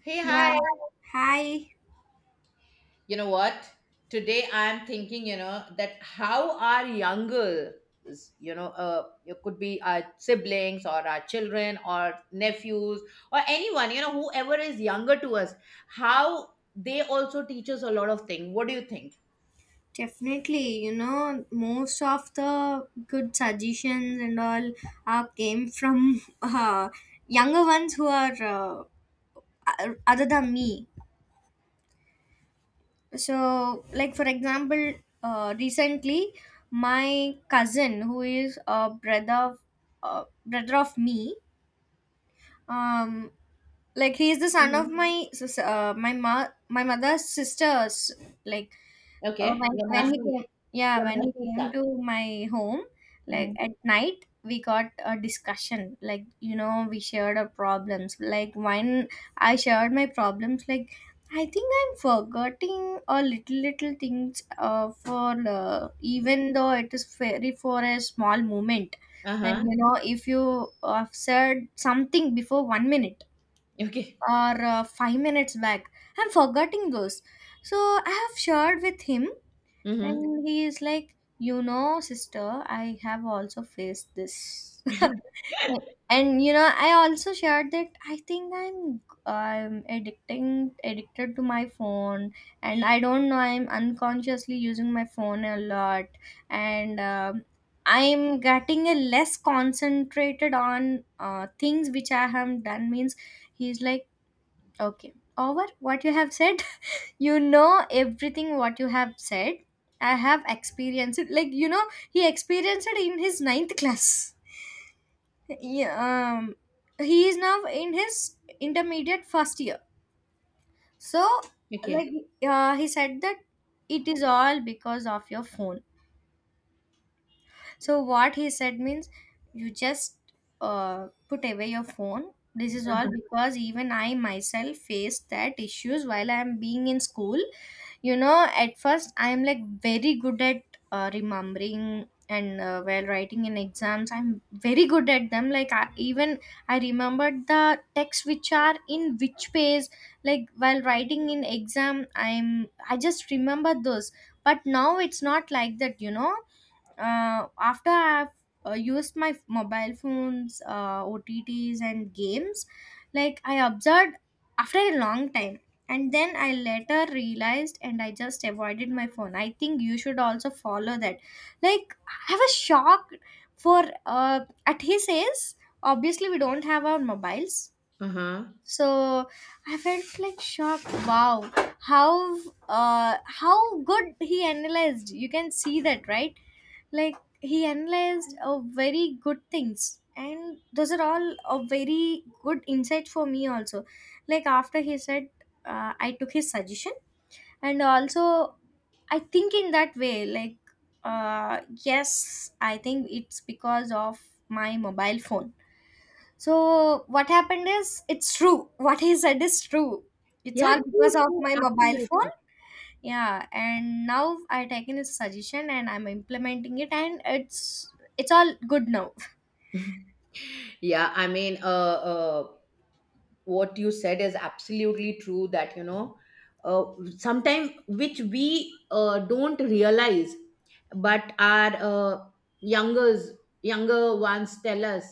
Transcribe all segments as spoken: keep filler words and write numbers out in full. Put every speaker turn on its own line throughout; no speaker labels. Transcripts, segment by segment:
Hey,
Yeah,
hi.
hi.
You know what? Today I'm thinking, you know, that how our younger, you know, uh, it could be our siblings or our children or nephews or anyone, you know, whoever is younger to us, how they also teach us a lot of things. What do you think?
Definitely, you know, most of the good suggestions and all uh, came from uh, younger ones who are uh, o- other than me. So, like for example, uh, recently my cousin who is a brother of uh, brother of me, um, like he is the son
Mhm.
of my sis- uh, my ma- my mother's sisters. Like Uh,
Okay.
when
Your
when he
Masi,
came, yeah,
your
when he
Masi's
came
son.
to my home, like
Hmm.
at night, we got a discussion. Like you know, we shared our problems. Like when I shared my problems, like I think I'm forgetting a little little things. Uh, for uh, Even though it is very for a small moment, like
Uh-huh.
you know, if you uh, said something before one minute
Okay.
or uh, five minutes back, I'm forgetting those. So I have shared with him
Mm-hmm.
and he is like, you know, sister, I have also faced this. And you know, I also shared that I think I'm I'm addicting addicted to my phone, and I don't know I'm unconsciously using my phone a lot, and um I'm getting a less concentrated on uh, things which I have done. Means he's like, okay, over what you have said. You know everything what you have said, I have experienced it, like you know he experienced it in his ninth class, yeah, um he is now in his intermediate first year. So
Okay.
like uh, he said that it is all because of your phone. So what he said means you just uh, put away your phone. This is all because even I myself faced that issues while I am being in school, you know. At first I am like very good at uh, remembering and uh, while writing in exams I'm very good at them. Like I, even I remembered the texts which are in which page, like while writing in exam i'm I just remember those. But now it's not like that, you know. Uh, after I've uh, used my mobile phones, uh, O T Ts, and games, like I observed after a long time. And then I later realized and I just avoided my phone. I think you should also follow that. Like, I was shocked for uh, at his age, obviously, we don't have our mobiles.
Uh-huh.
So I felt like shocked. Wow, how uh, how good he analyzed. You can see that, right? Like he analyzed uh, very good things and those are all a very good insight for me also. Like after he said, uh, I took his suggestion. And also I think in that way, like, uh, yes, I think it's because of my mobile phone. So what happened is, it's true. What he said is true. It's
Yeah,
all
true,
because of
true,
my mobile
absolutely.
phone. Yeah, and now I taken his suggestion and I'm implementing it, and it's it's all good now.
Yeah, I mean, uh, uh, what you said is absolutely true that, you know, uh, sometime which we uh, don't realize, but our uh, youngers, younger ones tell us,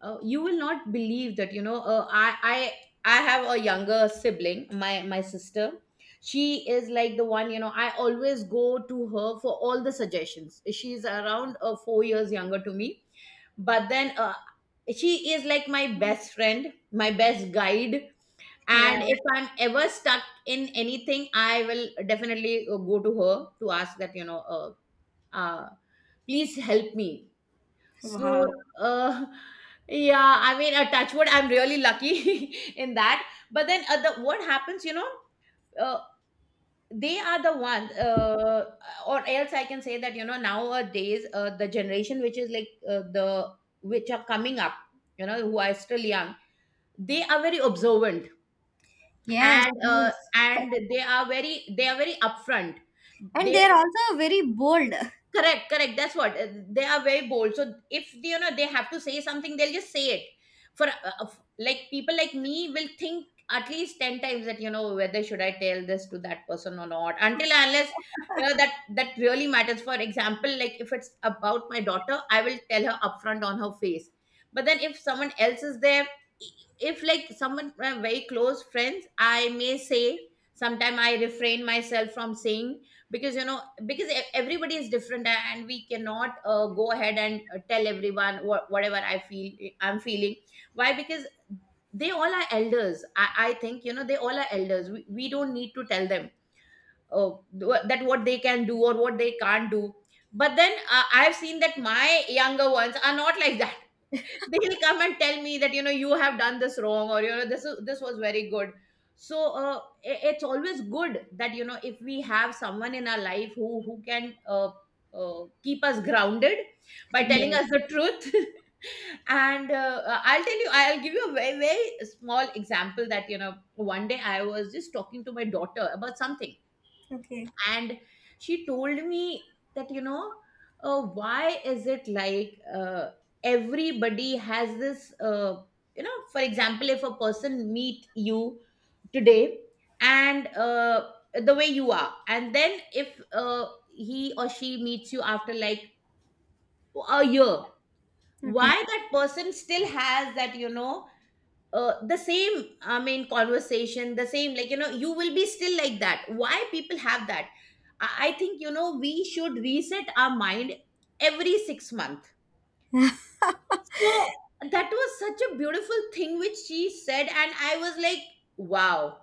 uh, you will not believe that, you know, uh, i i i have a younger sibling, my my sister. She is like the one, you know, I always go to her for all the suggestions. She's around uh, four years younger to me, but then uh, she is like my best friend, my best guide. And
Right.
if I'm ever stuck in anything, I will definitely uh, go to her to ask that, you know, uh, uh, please help me. So,
Wow.
uh, yeah, I mean, a touch wood, I'm really lucky in that. But then, uh, the, what happens, you know, uh, they are the ones, uh, or else I can say that, you know, nowadays, uh, the generation which is like uh, the, which are coming up, you know, who are still young, they are very observant,
Yes,
and uh,
yes.
and they are very, they are very upfront.
And
They,
they're also very bold.
correct, correct, that's what, uh, they are very bold. So if they, you know, they have to say something, they'll just say it. For uh, uh, f- like people like me will think at least ten times that, you know, whether should I tell this to that person or not, until and unless, you know, that that really matters. For example, like if it's about my daughter, I will tell her upfront on her face. But then if someone else is there, i- if like someone uh, very close friends, I may say, sometime I refrain myself from saying, because, you know, because e- everybody is different, and we cannot uh, go ahead and uh, tell everyone wha- whatever I feel I'm feeling. Why? Because they all are elders. i, I think, you know, they all are elders. we, we don't need to tell them uh, wha- that what they can do or what they can't do. But then uh, I've seen that my younger ones are not like that. They'll come and tell me that, you know, you have done this wrong, or you know this is, this was very good. So uh, i- it's always good that, you know, if we have someone in our life who who can uh, uh, keep us grounded by telling us
Yes.
the truth. And uh, uh, I'll tell you, I'll give you a very very small example that, you know, one day I was just talking to my daughter about something,
Okay.
and she told me that, you know, uh, why is it like, uh, everybody has this, uh, you know, for example, if a person meet you today, and uh, the way you are, and then if uh, he or she meets you after like a year,
Okay,
why that person still has that, you know, uh, the same, I mean, conversation, the same, like, you know, you will be still like that. Why people have that? i, I think, you know, we should reset our mind every six months. So that was such a beautiful thing which she said, and I was like, wow,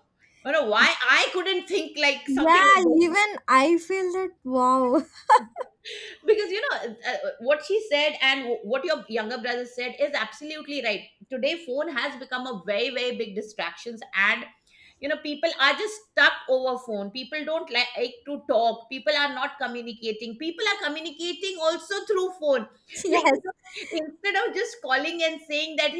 you know, why I couldn't think like something
yeah,
like.
even I feel that, wow.
Because, you know, uh, uh, what she said and what your younger brother said is absolutely right. Today phone has become a very very big distractions, and, you know, people are just stuck over phone. People don't like to talk. People are not communicating. People are communicating also through phone. Like,
Yes.
you know, instead of just calling and saying that,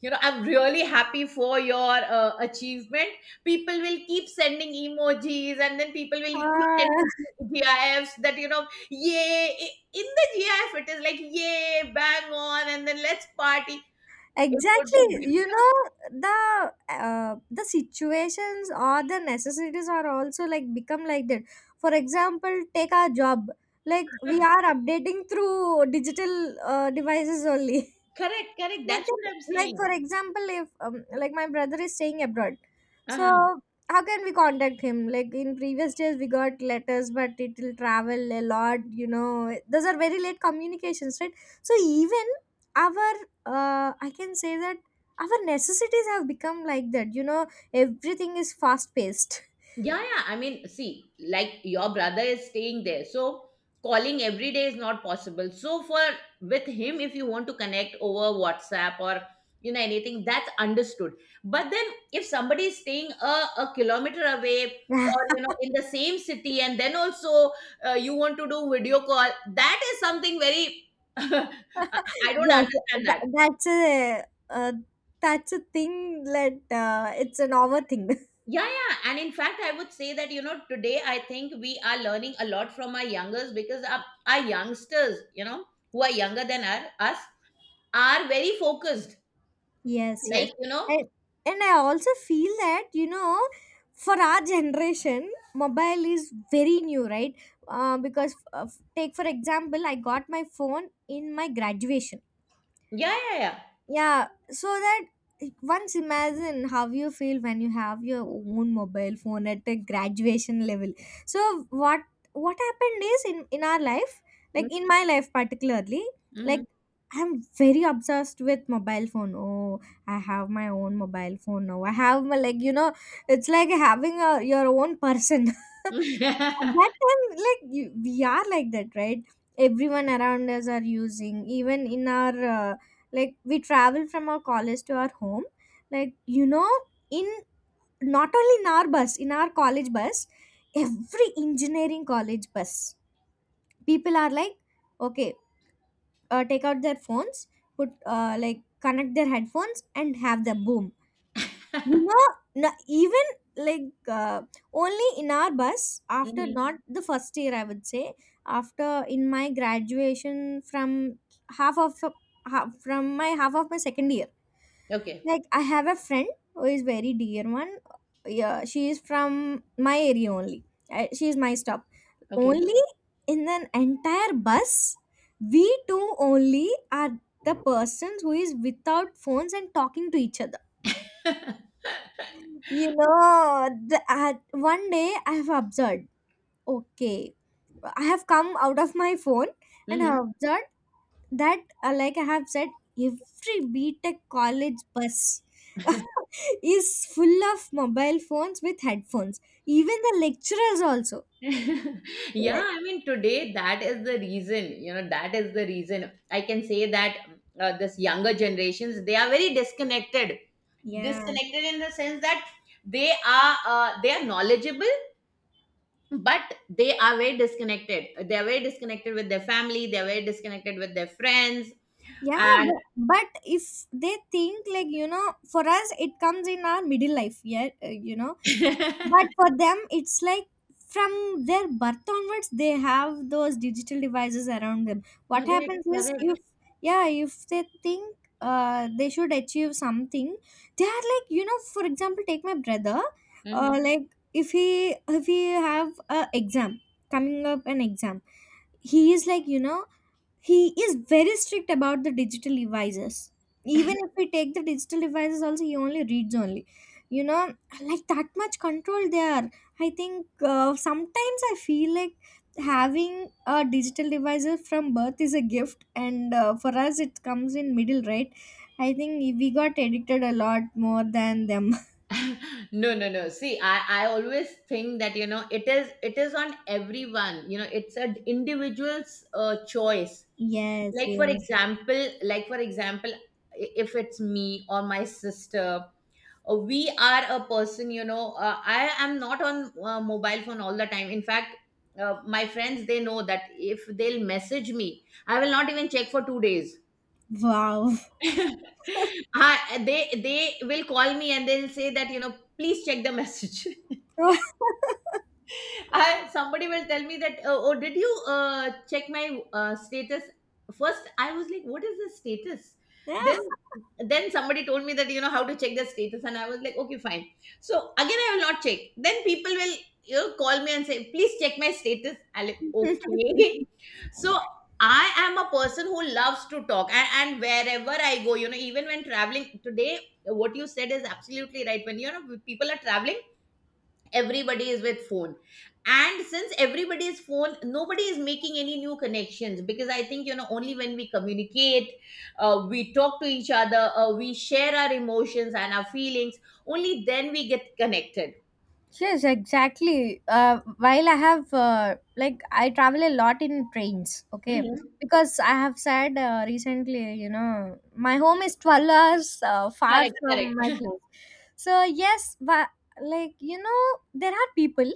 you know, I'm really happy for your uh, achievement, people will keep sending emojis, and then people will keep
Ah.
sending gifs that, you know, yay, I- in the gif it is like, yay, bang on, and then let's party. It would
Exactly,
be
you know, the uh, the situations or the necessities are also like become like that. For example, take our job, like we are updating through digital uh, devices only.
correct, correct,
Like
that's what
that,
I'm
like
saying.
for example if um, like my brother is staying abroad. So how can we contact him? Like in previous days we got letters, but it will travel a lot, you know. Those are very late communications, right? So even our uh, I can say that our necessities have become like that, you know. Everything is fast paced.
Yeah, yeah. I mean, see, like your brother is staying there. So calling every day is not possible. So for with him, if you want to connect over WhatsApp or, you know, anything, that's understood. But then if somebody is staying a, a kilometer away
Yes,
or, you know, in the same city, and then also uh, you want to do video call, that is something very I I don't understand
that,
that.
that's a uh, that's a thing that uh, it's an over thing.
Yeah, yeah. And in fact, I would say that, you know, today I think we are learning a lot from our youngers, because our, our youngsters, you know, who are younger than our, us, are very focused.
Yes, yes.
Like, you know,
And, and I also feel that, you know, for our generation, mobile is very new, right? Uh, because, uh, f- take for example, I got my phone in my graduation.
yeah, yeah, yeah.
Yeah, so that once imagine how you feel when you have your own mobile phone at a graduation level. So what what happened is, in in our life, like in my life particularly,
Mm-hmm.
like I'm very obsessed with mobile phone. Oh, I have my own mobile phone now. I have my, like, you know, it's like having a your own person. At that time, like you, we are like that, right? Everyone around us are using, even in our uh, like we travel from our college to our home, like you know, in not only in our bus, in our college bus, every engineering college bus, people are like, okay, uh, take out their phones, put uh, like connect their headphones and have the boom, you know. Na- even like uh, only in our bus, after
Hmm.
not the first year I would say, after in my graduation, from half of, half, from my half of my second year,
Okay,
like I have a friend who is very dear one. Yeah, she is from my area only. I, she is my stop
okay.
only. In an entire bus, we two only are the persons who is without phones and talking to each other, you know. The, at one day I have observed, okay, I have come out of my phone and I
Hmm.
have observed that, uh, like I have said, every BTech college bus is full of mobile phones with headphones, even the lecturers also.
Yeah,
Like,
I mean, today that is the reason, you know, that is the reason I can say that uh, this younger generations, they are very disconnected,
yeah.
disconnected in the sense that they are uh, they are knowledgeable, but they are very disconnected. They are very disconnected with their family. They are very disconnected with their friends.
Yeah,
And
but, but if they think, like, you know, for us, it comes in our middle life, yeah, uh, you know, but for them it's like from their birth onwards they have those digital devices around them. What
correct,
happens is,
correct.
if, yeah, if they think uh, they should achieve something, they are like, you know, for example take my brother.
Mhm.
Uh, like if he if he have a exam, coming up an exam, he is like, you know, he is very strict about the digital devices. Even if we take the digital devices also he only reads only, you know. Like that much control they are. I think uh, sometimes I feel like having a digital device from birth is a gift, and uh, for us it comes in middle, right? I think we got addicted a lot more than them.
No, no, no, see, i i always think that, you know, it is it is on everyone, you know, it's an individual's uh, choice.
Yes,
Like for
yes.
example, like for example i- if it's me or my sister, uh, we are a person, you know, uh, I am not on uh, mobile phone all the time. In fact, uh, my friends, they know that if they'll message me, I will not even check for two days.
Wow.
I, they, they will call me and they'll say that, you know, please check the message. I, somebody will tell me that, uh, oh, did you uh, check my uh, status. First I was like, what is the status?
Yeah.
Then, then somebody told me that, you know, how to check the status, and I was like, okay, fine. So again I will not check. Then people will, you know, call me and say, please check my status. I like, okay. So I am a person who loves to talk, and, and wherever I go, you know, even when traveling, today what you said is absolutely right. When, you know, people are traveling, everybody is with phone. And since everybody is phone, nobody is making any new connections, because I think, you know, only when we communicate, uh, we talk to each other, uh, we share our emotions and our feelings, only then we get connected.
Yes, exactly. Uh, while I have, uh, like, I travel a lot in trains, okay?
Hmm.
Because I have said uh, recently, you know, my home is twelve hours uh, far
Correct,
from my
correct.
place. So, yes, but, like, you know, there are people,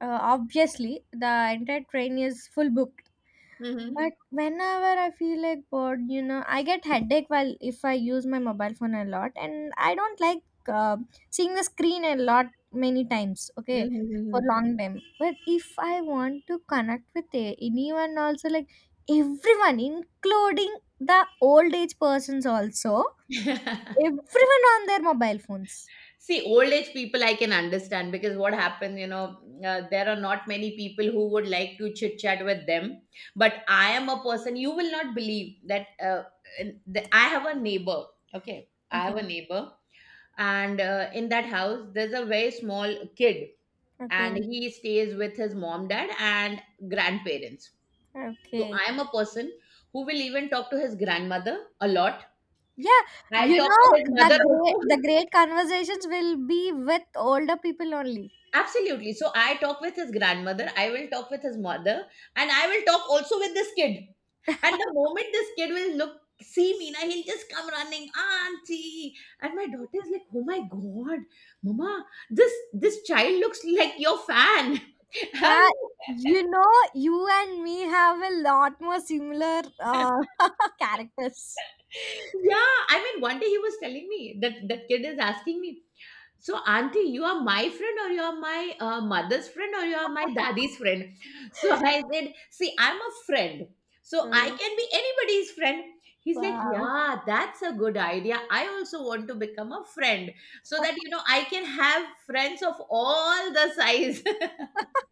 uh, obviously, the entire train is full booked.
Hmm.
But whenever I feel like bored, you know, I get headache while if I use my mobile phone a lot, and I don't like uh, seeing the screen a lot many times. Okay, for
Hmm.
long time. But if I want to connect with a- anyone, also like everyone, including the old age persons, also everyone on their mobile phones.
See, old age people I can understand, because what happened, you know, uh, there are not many people who would like to chit chat with them. But I am a person, you will not believe that, uh, in the, I have a neighbor. Okay. I have a
Okay,
neighbor. And uh, in that house, there's a very small kid, and
okay,
he stays with his mom, dad, and grandparents. So
okay.
I am a person who will even talk to his grandmother a lot.
Yeah,
I'll
you
talk to
know,
his
the
mother
great
also.
the great conversations will be with older people only.
Absolutely. So I talk with his grandmother, I will talk with his mother, and I will talk also with this kid. And the moment this kid will look, see me, now he'll just come running, Auntie. And my daughter is like, oh my god, Mama, this this child looks like your fan. I'm
Yeah, you know, you and me have a lot more similar
like,
uh, characters.
yeah, I mean, one day he was telling me that that kid is asking me, so, auntie, you are my friend, or you are my uh, mother's friend, or you are my daddy's friend. So I said, see, I'm a friend. So I
Oh,
can be anybody's friend. He's like,
wow.
yeah, that's a good idea. I also want to become a friend so that, you know, I can have friends of all the size.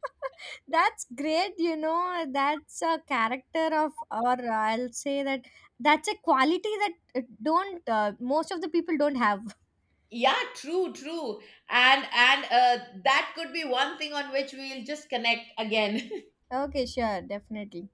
That's great, you know. That's a character of, or I'll say that, that's a quality that uh, don't uh, most of the people don't have.
Yeah, true, true. And and uh, that could be one thing on which we'll just connect again.
Okay, sure, definitely.